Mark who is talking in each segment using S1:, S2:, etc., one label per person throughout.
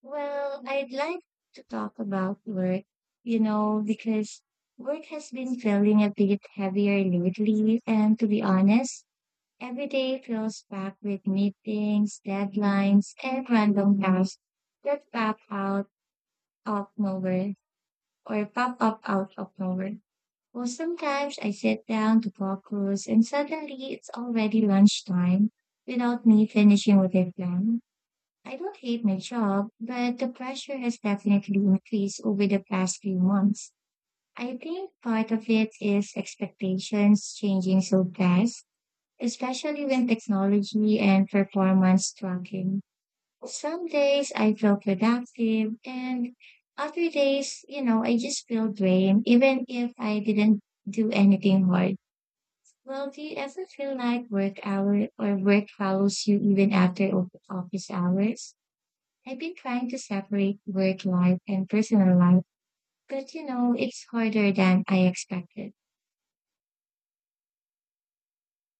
S1: Well, I'd like to talk about work, you know, because work has been feeling a bit heavier lately. And to be honest, every day feels packed with meetings, deadlines, and random tasks that of nowhere pop up out of nowhere. Well, sometimes I sit down to focus and suddenly it's already lunchtime without me finishing what I planned. I don't hate my job, but the pressure has definitely increased over the past few months. I think part of it is expectations changing so fast, especially when technology and performance tracking. Some days I feel productive and other days, you know, I just feel drained even if I didn't do anything hard. Well, do you ever feel like work hour or work follows you even after office hours? I've been trying to separate work life and personal life, but you know, it's harder than I expected.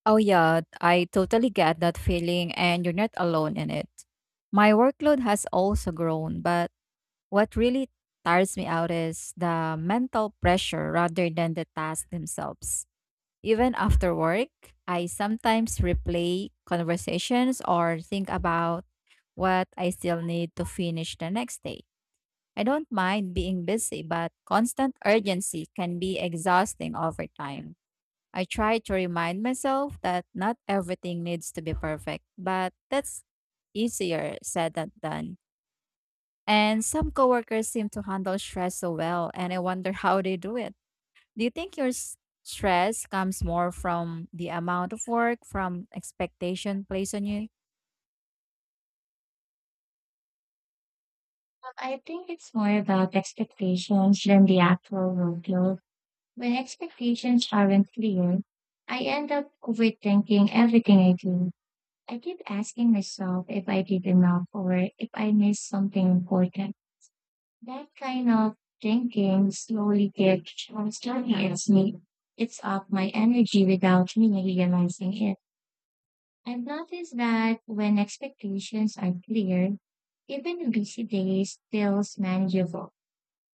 S2: Oh, yeah, I totally get that feeling, and you're not alone in it. My workload has also grown, but what really tires me out is the mental pressure rather than the tasks themselves. Even after work, I sometimes replay conversations or think about what I still need to finish the next day. I don't mind being busy, but constant urgency can be exhausting over time. I try to remind myself that not everything needs to be perfect, but that's easier said than done. And some coworkers seem to handle stress so well, and I wonder how they do it. Do you think your stress comes more from the amount of work, from expectation placed on you?
S1: I think it's more about expectations than the actual workload. When expectations aren't clear, I end up overthinking everything I do. I keep asking myself if I did enough or if I missed something important. That kind of thinking slowly gets starting at me. It's up my energy without me realizing it. I've noticed that when expectations are clear, even busy days feels manageable.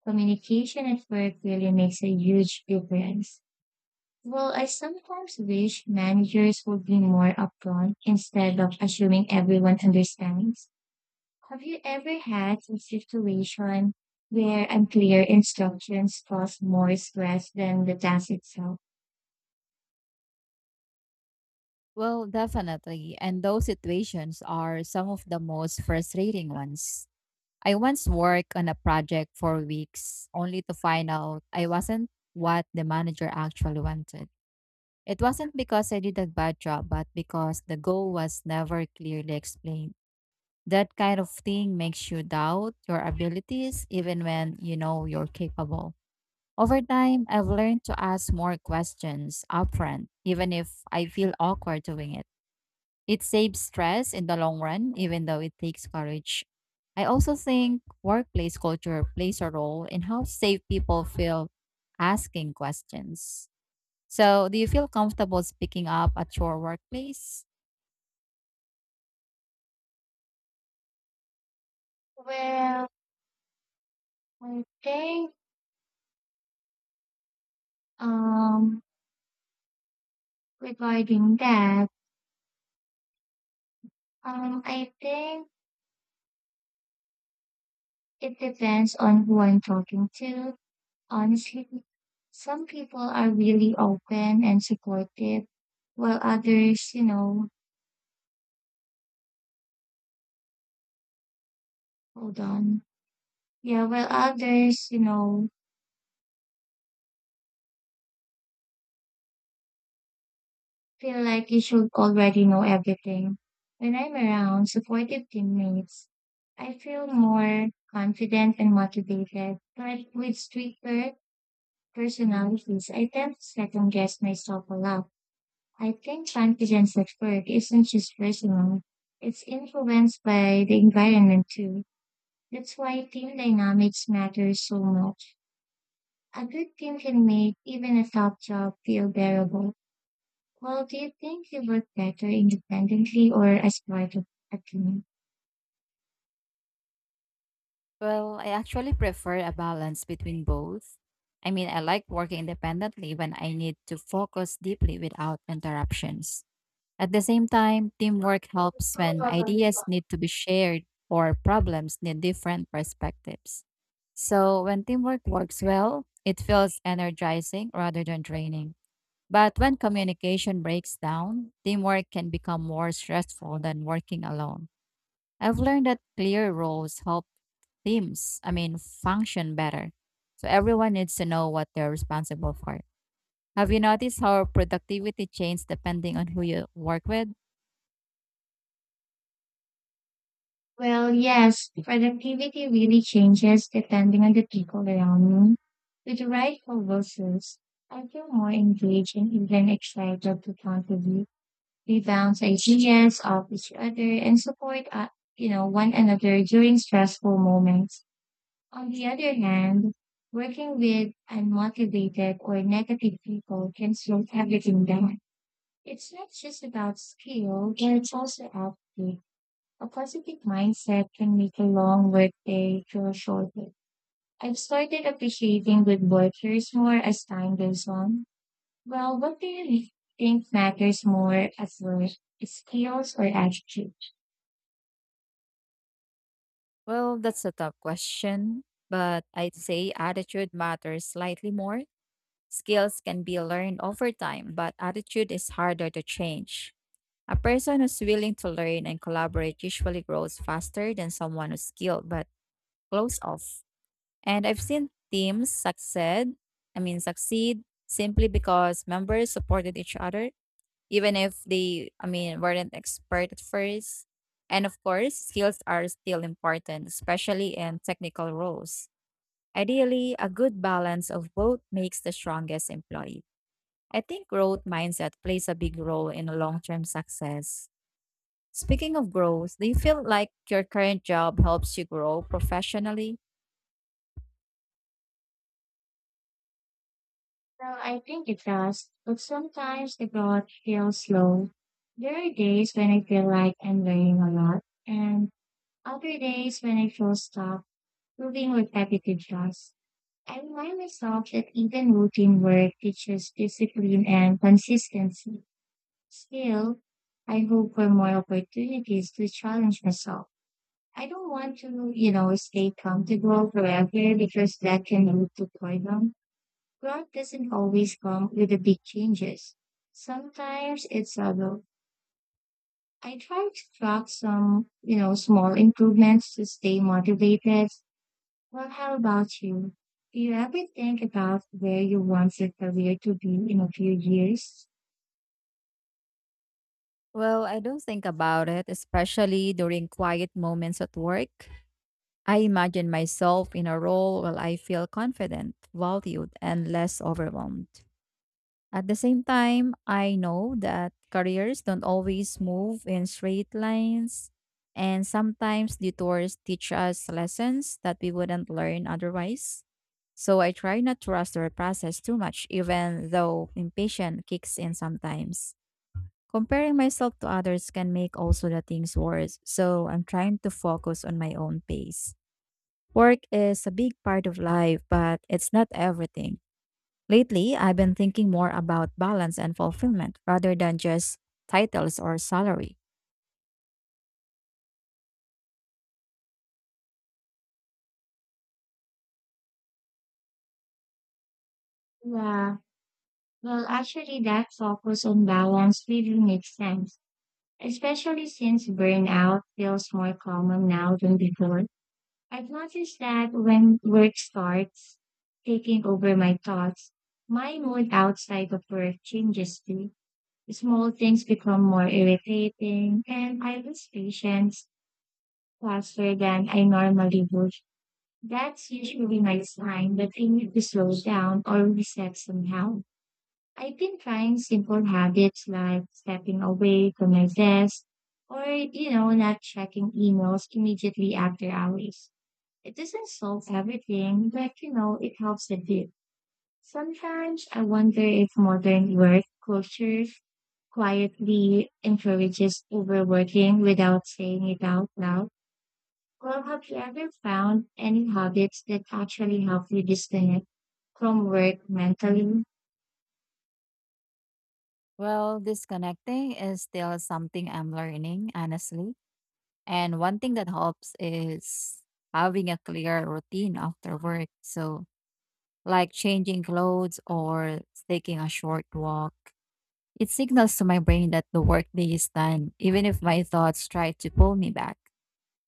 S1: Communication at work really makes a huge difference. Well, I sometimes wish managers would be more upfront instead of assuming everyone understands. Have you ever had a situation where unclear instructions caused more stress than the task itself?
S2: Well, definitely. And those situations are some of the most frustrating ones. I once worked on a project for weeks only to find out I wasn't what the manager actually wanted. It wasn't because I did a bad job, but because the goal was never clearly explained. That kind of thing makes you doubt your abilities even when you know you're capable. Over time, I've learned to ask more questions upfront, even if I feel awkward doing it. It saves stress in the long run, even though it takes courage. I also think workplace culture plays a role in how safe people feel asking questions. So, do you feel comfortable speaking up at your workplace?
S1: Well, I think um regarding that I think it depends on who I'm talking to. Honestly, some people are really open and supportive, while others, you know, hold on. Yeah, while others, you know, feel like you should already know everything. When I'm around supportive teammates, I feel more confident and motivated. But with stricter personalities, I tend to second guess myself a lot. I think confidence at work isn't just personal. It's influenced by the environment too. That's why team dynamics matter so much. A good team can make even a tough job feel bearable. Well, do you think you work better independently or as part of a team?
S2: Well, I actually prefer a balance between both. I mean, I like working independently when I need to focus deeply without interruptions. At the same time, teamwork helps when ideas need to be shared or problems need different perspectives. So, when teamwork works well, it feels energizing rather than draining. But when communication breaks down, teamwork can become more stressful than working alone. I've learned that clear roles help teams, I mean, function better. So, everyone needs to know what they're responsible for. Have you noticed how productivity changes depending on who you work with?
S1: Well, yes, productivity really changes depending on the people around me. With the right co I feel more engaged and even excited to contribute. We bounce ideas off each other and support, you know, one another during stressful moments. On the other hand, working with unmotivated or negative people can slow everything down. It's not just about skill, but it's also attitude. A positive mindset can make a long work day feel shorter. I've started appreciating good workers more as time goes on. Well, what do you think matters more as well, skills or attitude?
S2: Well, that's a tough question, but I'd say attitude matters slightly more. Skills can be learned over time, but attitude is harder to change. A person who's willing to learn and collaborate usually grows faster than someone who's skilled but closed off. And I've seen teams succeed, I mean succeed simply because members supported each other even if they, I mean, weren't expert at first. And of course, skills are still important, especially in technical roles. Ideally, a good balance of both makes the strongest employee. I think growth mindset plays a big role in long term success. Speaking of growth, do you feel like your current job helps you grow professionally?
S1: Well, I think it does, but sometimes the growth feels slow. There are days when I feel like I'm learning a lot, and other days when I feel stuck doing repetitive tasks. I remind myself that even routine work teaches discipline and consistency. Still, I hope for more opportunities to challenge myself. I don't want to, you know, stay comfortable forever because that can lead to boredom. Growth doesn't always come with the big changes. Sometimes it's subtle. I try to track some, you know, small improvements to stay motivated. Well, how about you? Do you ever think about where you want your career to be in a few years?
S2: Well, I don't think about it, especially during quiet moments at work. I imagine myself in a role where I feel confident, valued, and less overwhelmed. At the same time, I know that careers don't always move in straight lines, and sometimes detours teach us lessons that we wouldn't learn otherwise. So I try not to rush the process too much, even though impatience kicks in sometimes. Comparing myself to others can make also the things worse, so I'm trying to focus on my own pace. Work is a big part of life, but it's not everything. Lately, I've been thinking more about balance and fulfillment rather than just titles or salary.
S1: Yeah. Well, actually, that focus on balance really makes sense, especially since burnout feels more common now than before. I've noticed that when work starts taking over my thoughts, my mood outside of work changes too. Small things become more irritating, and I lose patience faster than I normally would. That's usually my sign that I need to slow down or reset somehow. I've been trying simple habits like stepping away from my desk or, you know, not checking emails immediately after hours. It doesn't solve everything, but, you know, it helps a bit. Sometimes I wonder if modern work culture quietly encourages overworking without saying it out loud. Well, have you ever found any habits that actually help you disconnect from work mentally?
S2: Well, disconnecting is still something I'm learning, honestly. And one thing that helps is having a clear routine after work. So, like changing clothes or taking a short walk. It signals to my brain that the workday is done, even if my thoughts try to pull me back.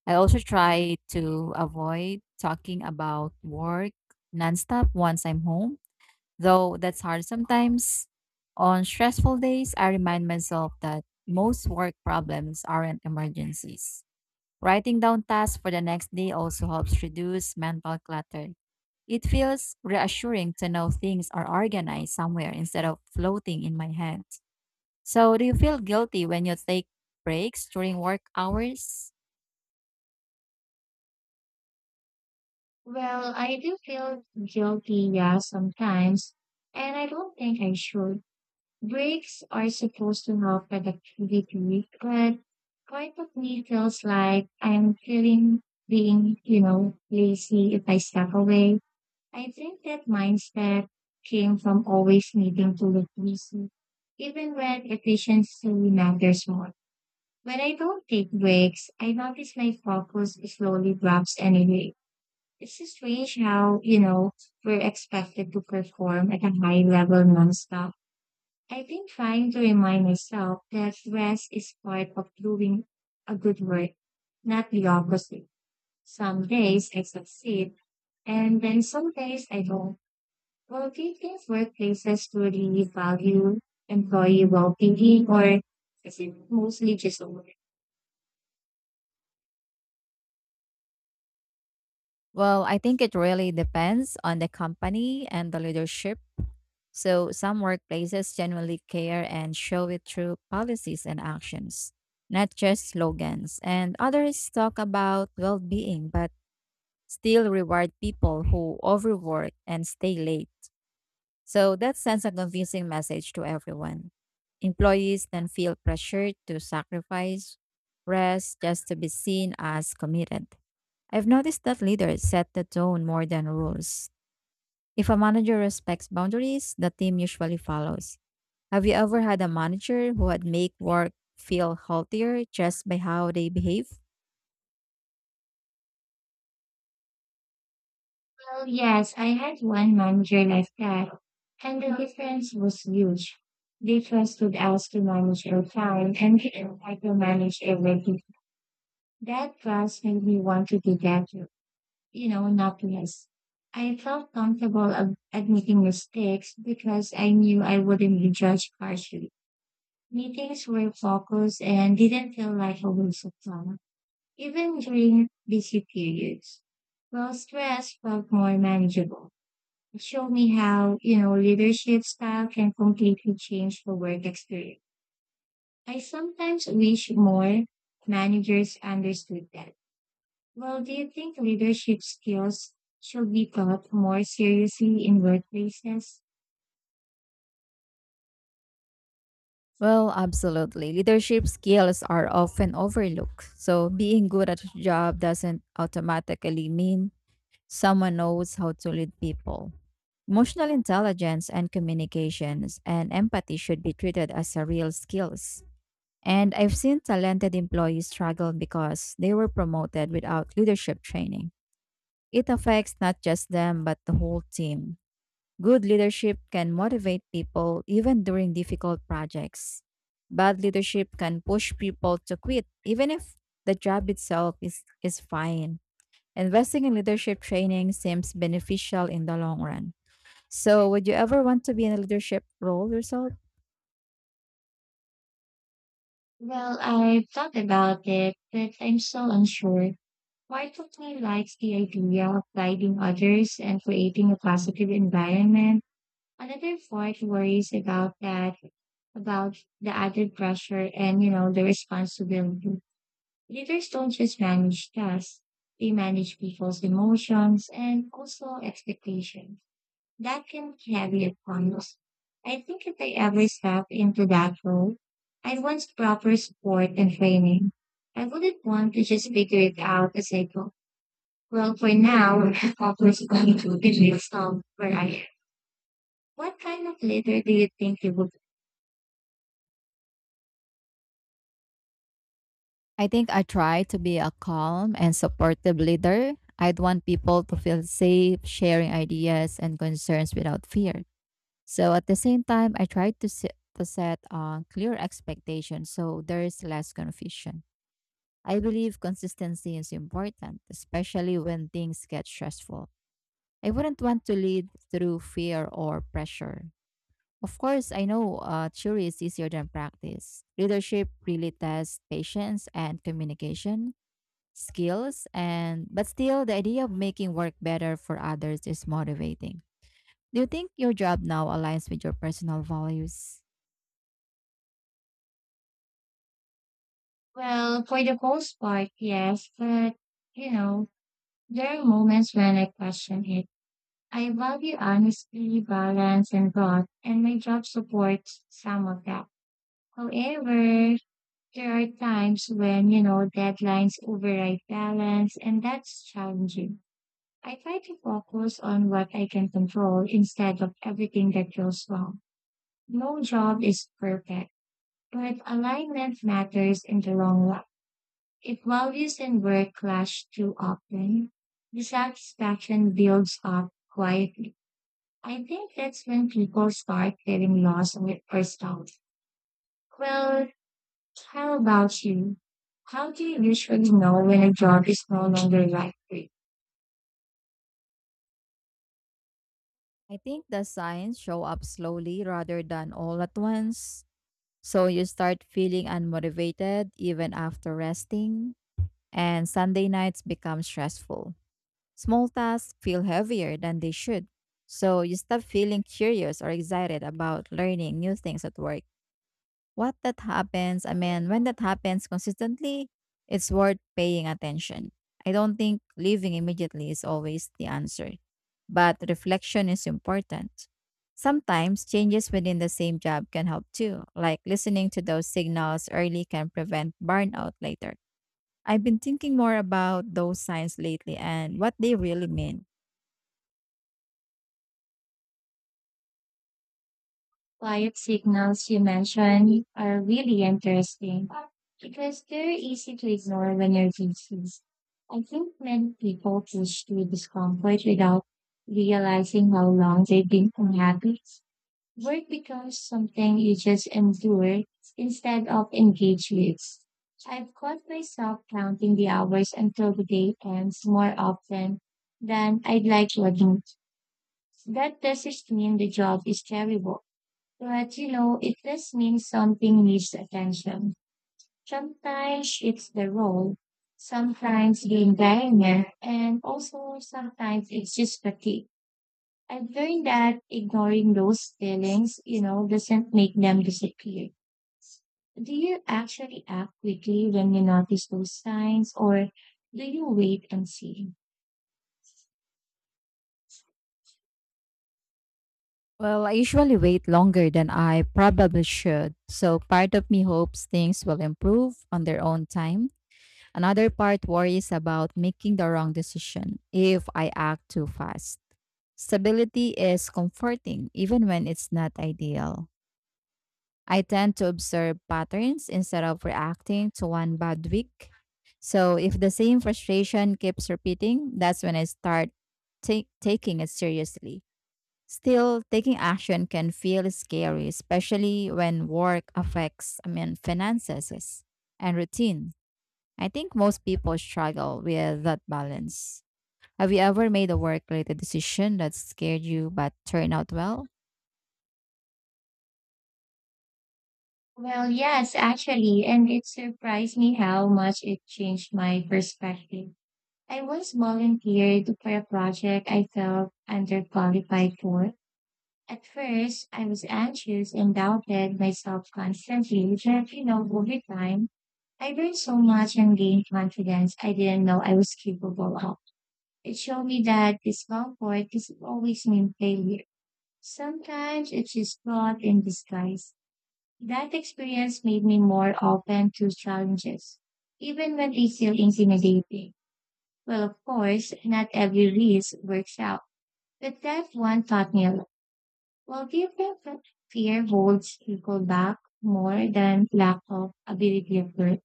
S2: I also try to avoid talking about work nonstop once I'm home, though that's hard sometimes. On stressful days, I remind myself that most work problems aren't emergencies. Writing down tasks for the next day also helps reduce mental clutter. It feels reassuring to know things are organized somewhere instead of floating in my head. So, do you feel guilty when you take breaks during work hours?
S1: Well, I do feel guilty, yeah, sometimes, and I don't think I should. Breaks are supposed to help productivity, but part of me feels like I'm feeling being, you know, lazy if I step away. I think that mindset came from always needing to look busy, even when efficiency matters more. When I don't take breaks, I notice my focus slowly drops anyway. It's just strange how, you know, we're expected to perform at a high level nonstop. I've been trying to remind myself that rest is part of doing a good work, not the opposite. Some days I succeed, and then some days I don't. Well, do you think workplaces really value employee well-being, or is it mostly just a word?
S2: Well, I think it really depends on the company and the leadership. So, some workplaces genuinely care and show it through policies and actions, not just slogans. And others talk about well being, but still reward people who overwork and stay late. So that sends a confusing message to everyone. Employees then feel pressured to sacrifice rest just to be seen as committed. I've noticed that leaders set the tone more than rules. If a manager respects boundaries, the team usually follows. Have you ever had a manager who had make work feel healthier just by how they behave?
S1: Oh, yes, I had one manager like that, and the difference was huge. They trusted us to manage our time and I to manage everything. That trust made me want to do that, you know, not less. I felt comfortable admitting mistakes because I knew I wouldn't be judged harshly. Meetings were focused and didn't feel like a waste of time, even during busy periods. Well, stress felt more manageable. It showed me how, you know, leadership style can completely change the work experience. I sometimes wish more managers understood that. Well, do you think leadership skills should be taught more seriously in workplaces?
S2: Well, absolutely. Leadership skills are often overlooked. So being good at your job doesn't automatically mean someone knows how to lead people. Emotional intelligence and communications and empathy should be treated as a real skills. And I've seen talented employees struggle because they were promoted without leadership training. It affects not just them, but the whole team. Good leadership can motivate people even during difficult projects. Bad leadership can push people to quit even if the job itself is fine. Investing in leadership training seems beneficial in the long run. So, would you ever want to be in a leadership role yourself?
S1: Well, I've thought about it, but I'm so unsure. Part of me likes the idea of guiding others and creating a positive environment. Another part worries about that, about the added pressure and, you know, the responsibility. Leaders don't just manage tasks, they manage people's emotions and also expectations. That can be heavy at times. I think if I ever step into that role, I want proper support and training. I wouldn't want to just figure it out as I go. Well, for now, I focus is going to be myself where I am. What kind of leader do you think you would
S2: I think I try to be a calm and supportive leader. I'd want people to feel safe sharing ideas and concerns without fear. So at the same time, I try to set clear expectations so there is less confusion. I believe consistency is important, especially when things get stressful. I wouldn't want to lead through fear or pressure. Of course, I know theory is easier than practice. Leadership really tests patience and communication skills, and but still, the idea of making work better for others is motivating. Do you think your job now aligns with your personal values?
S1: Well, for the most part, yes, but you know, there are moments when I question it. I value honesty, balance, and growth, and my job supports some of that. However, there are times when, you know, deadlines override balance, and that's challenging. I try to focus on what I can control instead of everything that goes wrong. No job is perfect, but alignment matters in the long run. If values and work clash too often, dissatisfaction builds up quietly. I think that's when people start feeling lost with themselves. Well, how about you? How do you usually know when a job is no longer right for you?
S2: I think the signs show up slowly rather than all at once. So you start feeling unmotivated even after resting, and Sunday nights become stressful. Small tasks feel heavier than they should. So you stop feeling curious or excited about learning new things at work. What that happens, I mean, when that happens consistently, it's worth paying attention. I don't think leaving immediately is always the answer, but reflection is important. Sometimes changes within the same job can help too, like listening to those signals early can prevent burnout later. I've been thinking more about those signs lately and what they really mean.
S1: Quiet signals you mentioned are really interesting because they're easy to ignore when you're busy. I think many people push through discomfort without realizing how long they've been unhappy. Work becomes something you just endure instead of engage with. I've caught myself counting the hours until the day ends more often than I'd like to admit. That doesn't mean the job is terrible. But you know, it just means something needs attention. Sometimes it's the role, sometimes the environment, and also sometimes it's just fatigue. I've learned that ignoring those feelings, you know, doesn't make them disappear. Do you actually act quickly when you notice those signs, or do you wait and see?
S2: Well, I usually wait longer than I probably should. So part of me hopes things will improve on their own time. Another part worries about making the wrong decision if I act too fast. Stability is comforting even when it's not ideal. I tend to observe patterns instead of reacting to one bad week. So if the same frustration keeps repeating, that's when I start taking it seriously. Still, taking action can feel scary, especially when work affects, I mean, finances and routine. I think most people struggle with that balance. Have you ever made a work related decision that scared you but turned out well?
S1: Well, yes, actually, and it surprised me how much it changed my perspective. I once volunteered for a project I felt underqualified for. At first, I was anxious and doubted myself constantly, but you know, over time, I learned so much and gained confidence I didn't know I was capable of. It showed me that discomfort doesn't always mean failure. Sometimes it's just fraud in disguise. That experience made me more open to challenges, even when they feel intimidating. Well, of course, not every lease works out, but that one taught me a lot. Well, do you think that fear holds people back more than lack of ability of work?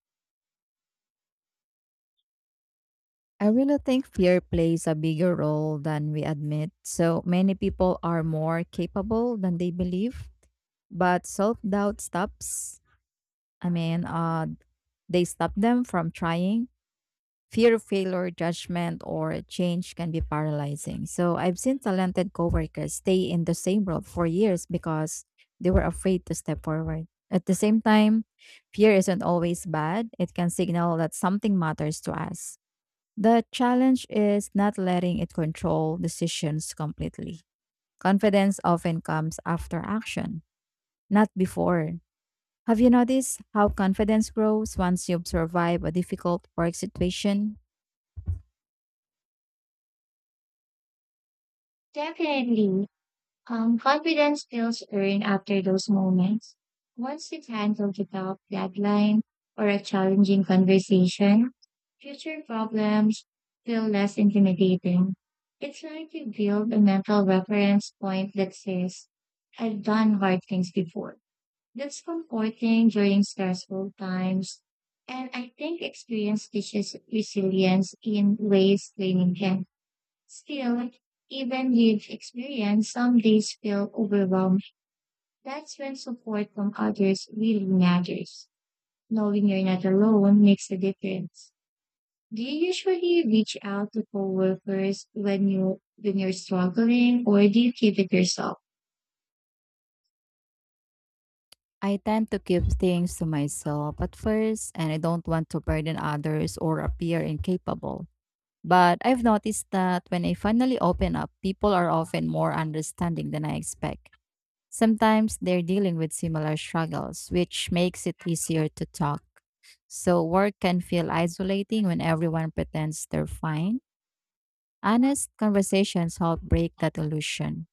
S2: I really think fear plays a bigger role than we admit. So many people are more capable than they believe, but self doubt stops. I mean, they stop them from trying fear of failure, judgment, or change can be paralyzing. So I've seen talented coworkers stay in the same role for years because they were afraid to step forward. At the same time, fear isn't always bad. It can signal that something matters to us. The challenge is not letting it control decisions completely. Confidence often comes after action, not before. Have you noticed how confidence grows once you survive a difficult work situation?
S1: Definitely. Confidence feels earned after those moments. Once you handle the tough deadline or a challenging conversation, future problems feel less intimidating. It's like you build a mental reference point that says, I've done hard things before. That's comforting during stressful times. And I think experience teaches resilience in ways training can. Still, even lived experience, some days feel overwhelmed. That's when support from others really matters. Knowing you're not alone makes a difference. Do you usually reach out to coworkers when you're struggling, or do you keep it yourself?
S2: I tend to keep things to myself at first, and I don't want to burden others or appear incapable. But I've noticed that when I finally open up, people are often more understanding than I expect. Sometimes they're dealing with similar struggles, which makes it easier to talk. So, work can feel isolating when everyone pretends they're fine. Honest conversations help break that illusion.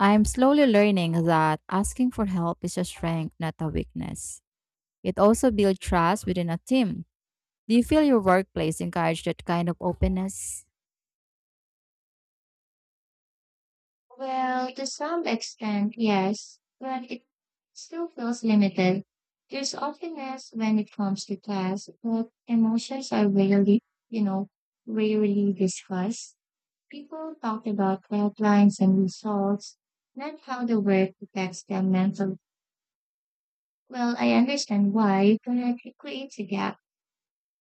S2: I'm slowly learning that asking for help is a strength, not a weakness. It also builds trust within a team. Do you feel your workplace encourage that kind of openness?
S1: Well, to some extent, yes, but it still feels limited. There's openness when it comes to class, but emotions are you know, rarely discussed. People talk about deadlines and results, not how the work affects their mental. Well, I understand why, but it creates a gap.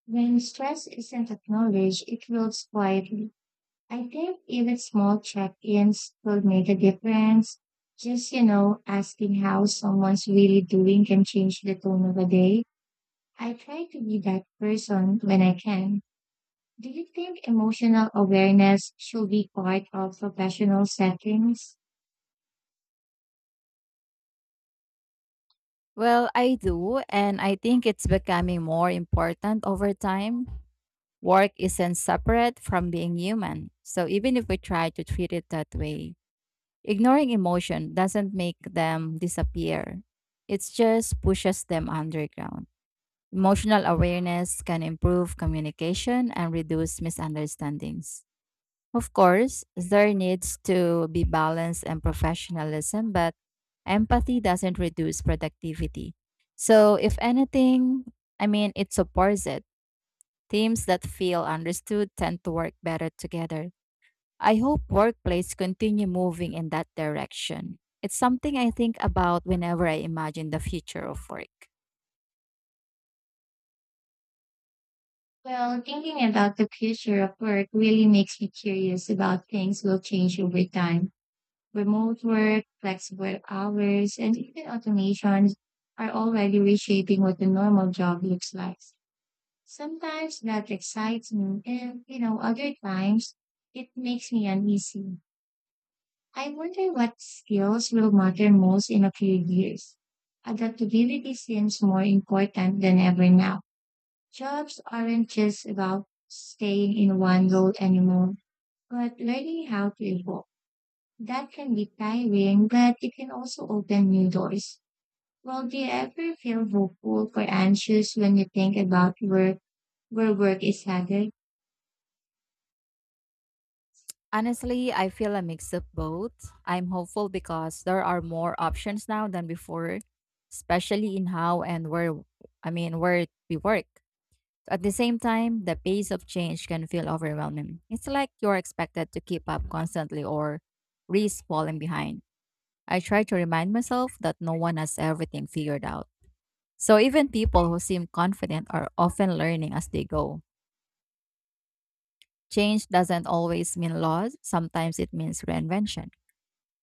S1: When stress isn't acknowledged, it builds quietly. I think even small check-ins could make a difference. Just, you know, asking how someone's really doing can change the tone of a day. I try to be that person when I can. Do you think emotional awareness should be part of professional settings?
S2: Well, I do, and I think it's becoming more important over time. Work isn't separate from being human, so even if we try to treat it that way, ignoring emotion doesn't make them disappear. It just pushes them underground. Emotional awareness can improve communication and reduce misunderstandings. Of course, there needs to be balance and professionalism, but empathy doesn't reduce productivity. So, if anything, I mean, it supports it. Teams that feel understood tend to work better together. I hope workplace continue moving in that direction. It's something I think about whenever I imagine the future of work.
S1: Well, thinking about the future of work really makes me curious about things will change over time. Remote work, flexible hours, and even automations are already reshaping what the normal job looks like. Sometimes that excites me, and you know, other times it makes me uneasy. I wonder what skills will matter most in a few years. Adaptability seems more important than ever now. Jobs aren't just about staying in one role anymore, but learning how to evolve. That can be tiring, but it can also open new doors. Well, do you ever feel hopeful or anxious when you think about where work is headed?
S2: Honestly, I feel a mix of both. I'm hopeful because there are more options now than before, especially in how and where I mean where we work. At the same time, the pace of change can feel overwhelming. It's like you're expected to keep up constantly or risk falling behind. I try to remind myself that no one has everything figured out. So even people who seem confident are often learning as they go. Change doesn't always mean loss, sometimes it means reinvention.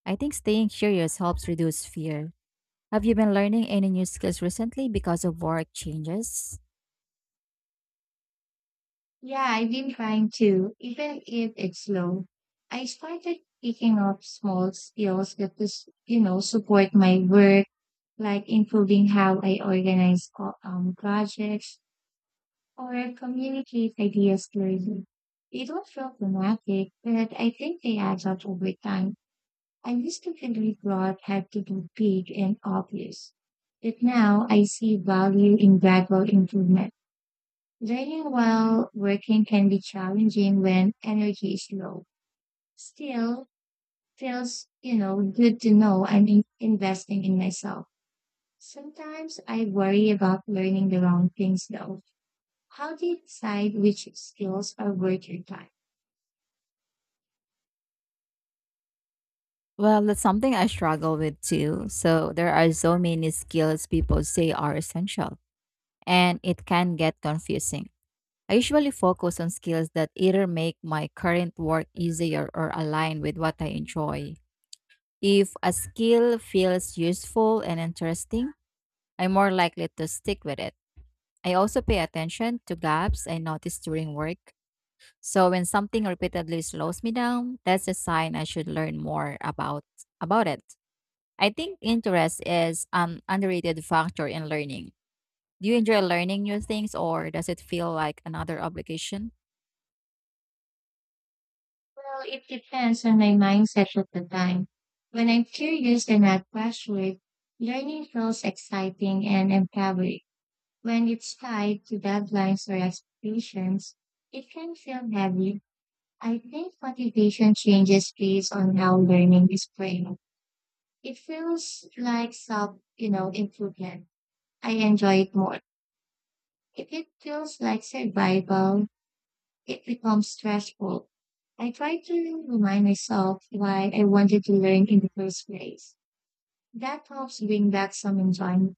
S2: I think staying curious helps reduce fear. Have you been learning any new skills recently because of work changes?
S1: Yeah, I've been trying to, even if it's slow. I started picking up small skills that is, you know, support my work, like improving how I organize projects or communicate ideas clearly. They don't feel dramatic, but I think they add up over time. I used to believe God had to be big and obvious, but now I see value in gradual improvement. Learning while working can be challenging when energy is low. Still, feels you know good to know I'm investing in myself. Sometimes I worry about learning the wrong things though. How do you decide which skills are worth your time?
S2: Well, that's something I struggle with too. So there are so many skills people say are essential, and it can get confusing. I usually focus on skills that either make my current work easier or align with what I enjoy. If a skill feels useful and interesting, I'm more likely to stick with it. I also pay attention to gaps I notice during work. So when something repeatedly slows me down, that's a sign I should learn more about it. I think interest is an underrated factor in learning. Do you enjoy learning new things or does it feel like another obligation?
S1: Well, it depends on my mindset at the time. When I'm curious and not pressured, learning feels exciting and empowering. When it's tied to deadlines or expectations, it can feel heavy. I think motivation changes based on how learning is framed. It feels like self, you know, improvement. I enjoy it more. If it feels like survival, it becomes stressful. I try to remind myself why I wanted to learn in the first place. That helps bring back some enjoyment.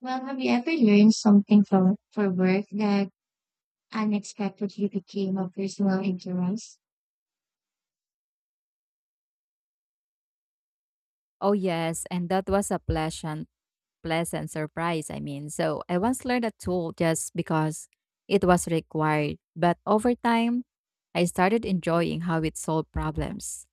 S1: Well, have you ever learned something for work that unexpectedly became a personal interest?
S2: Oh yes, and that was a pleasant surprise, I mean. So I once learned a tool just because it was required, but over time I started enjoying how it solved problems.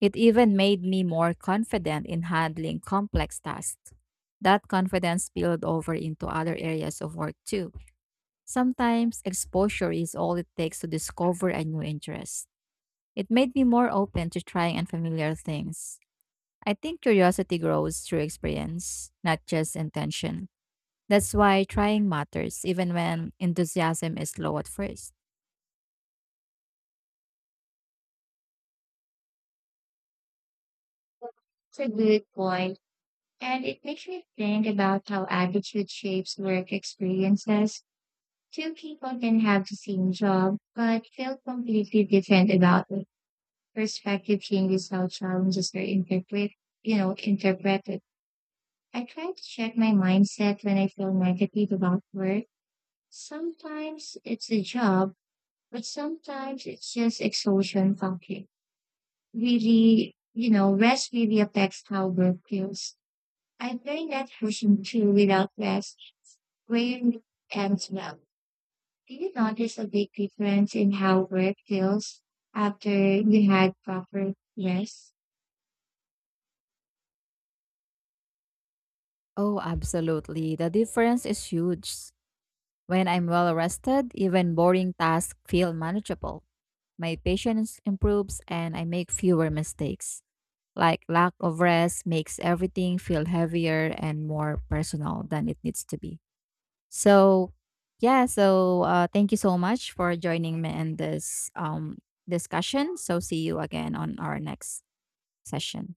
S2: It even made me more confident in handling complex tasks. That confidence spilled over into other areas of work too. Sometimes exposure is all it takes to discover a new interest. It made me more open to trying unfamiliar things. I think curiosity grows through experience, not just intention. That's why trying matters, even when enthusiasm is low at first.
S1: It's a good point, and it makes me think about how attitude shapes work experiences. Two people can have the same job, but feel completely different about it. Perspective changes how challenges are interpret, you know, interpreted. I try to check my mindset when I feel negative about work. Sometimes it's a job, but sometimes it's just exhaustion talking. Really, you know, rest really affects how work feels. I've learned that pushing through without rest rarely ends well. Do you notice a big difference in how work feels after you had proper rest?
S2: Oh, absolutely. The difference is huge. When I'm well rested, even boring tasks feel manageable. My patience improves and I make fewer mistakes. Like lack of rest makes everything feel heavier and more personal than it needs to be. So, yeah, so thank you so much for joining me in this discussion. So, see you again on our next session.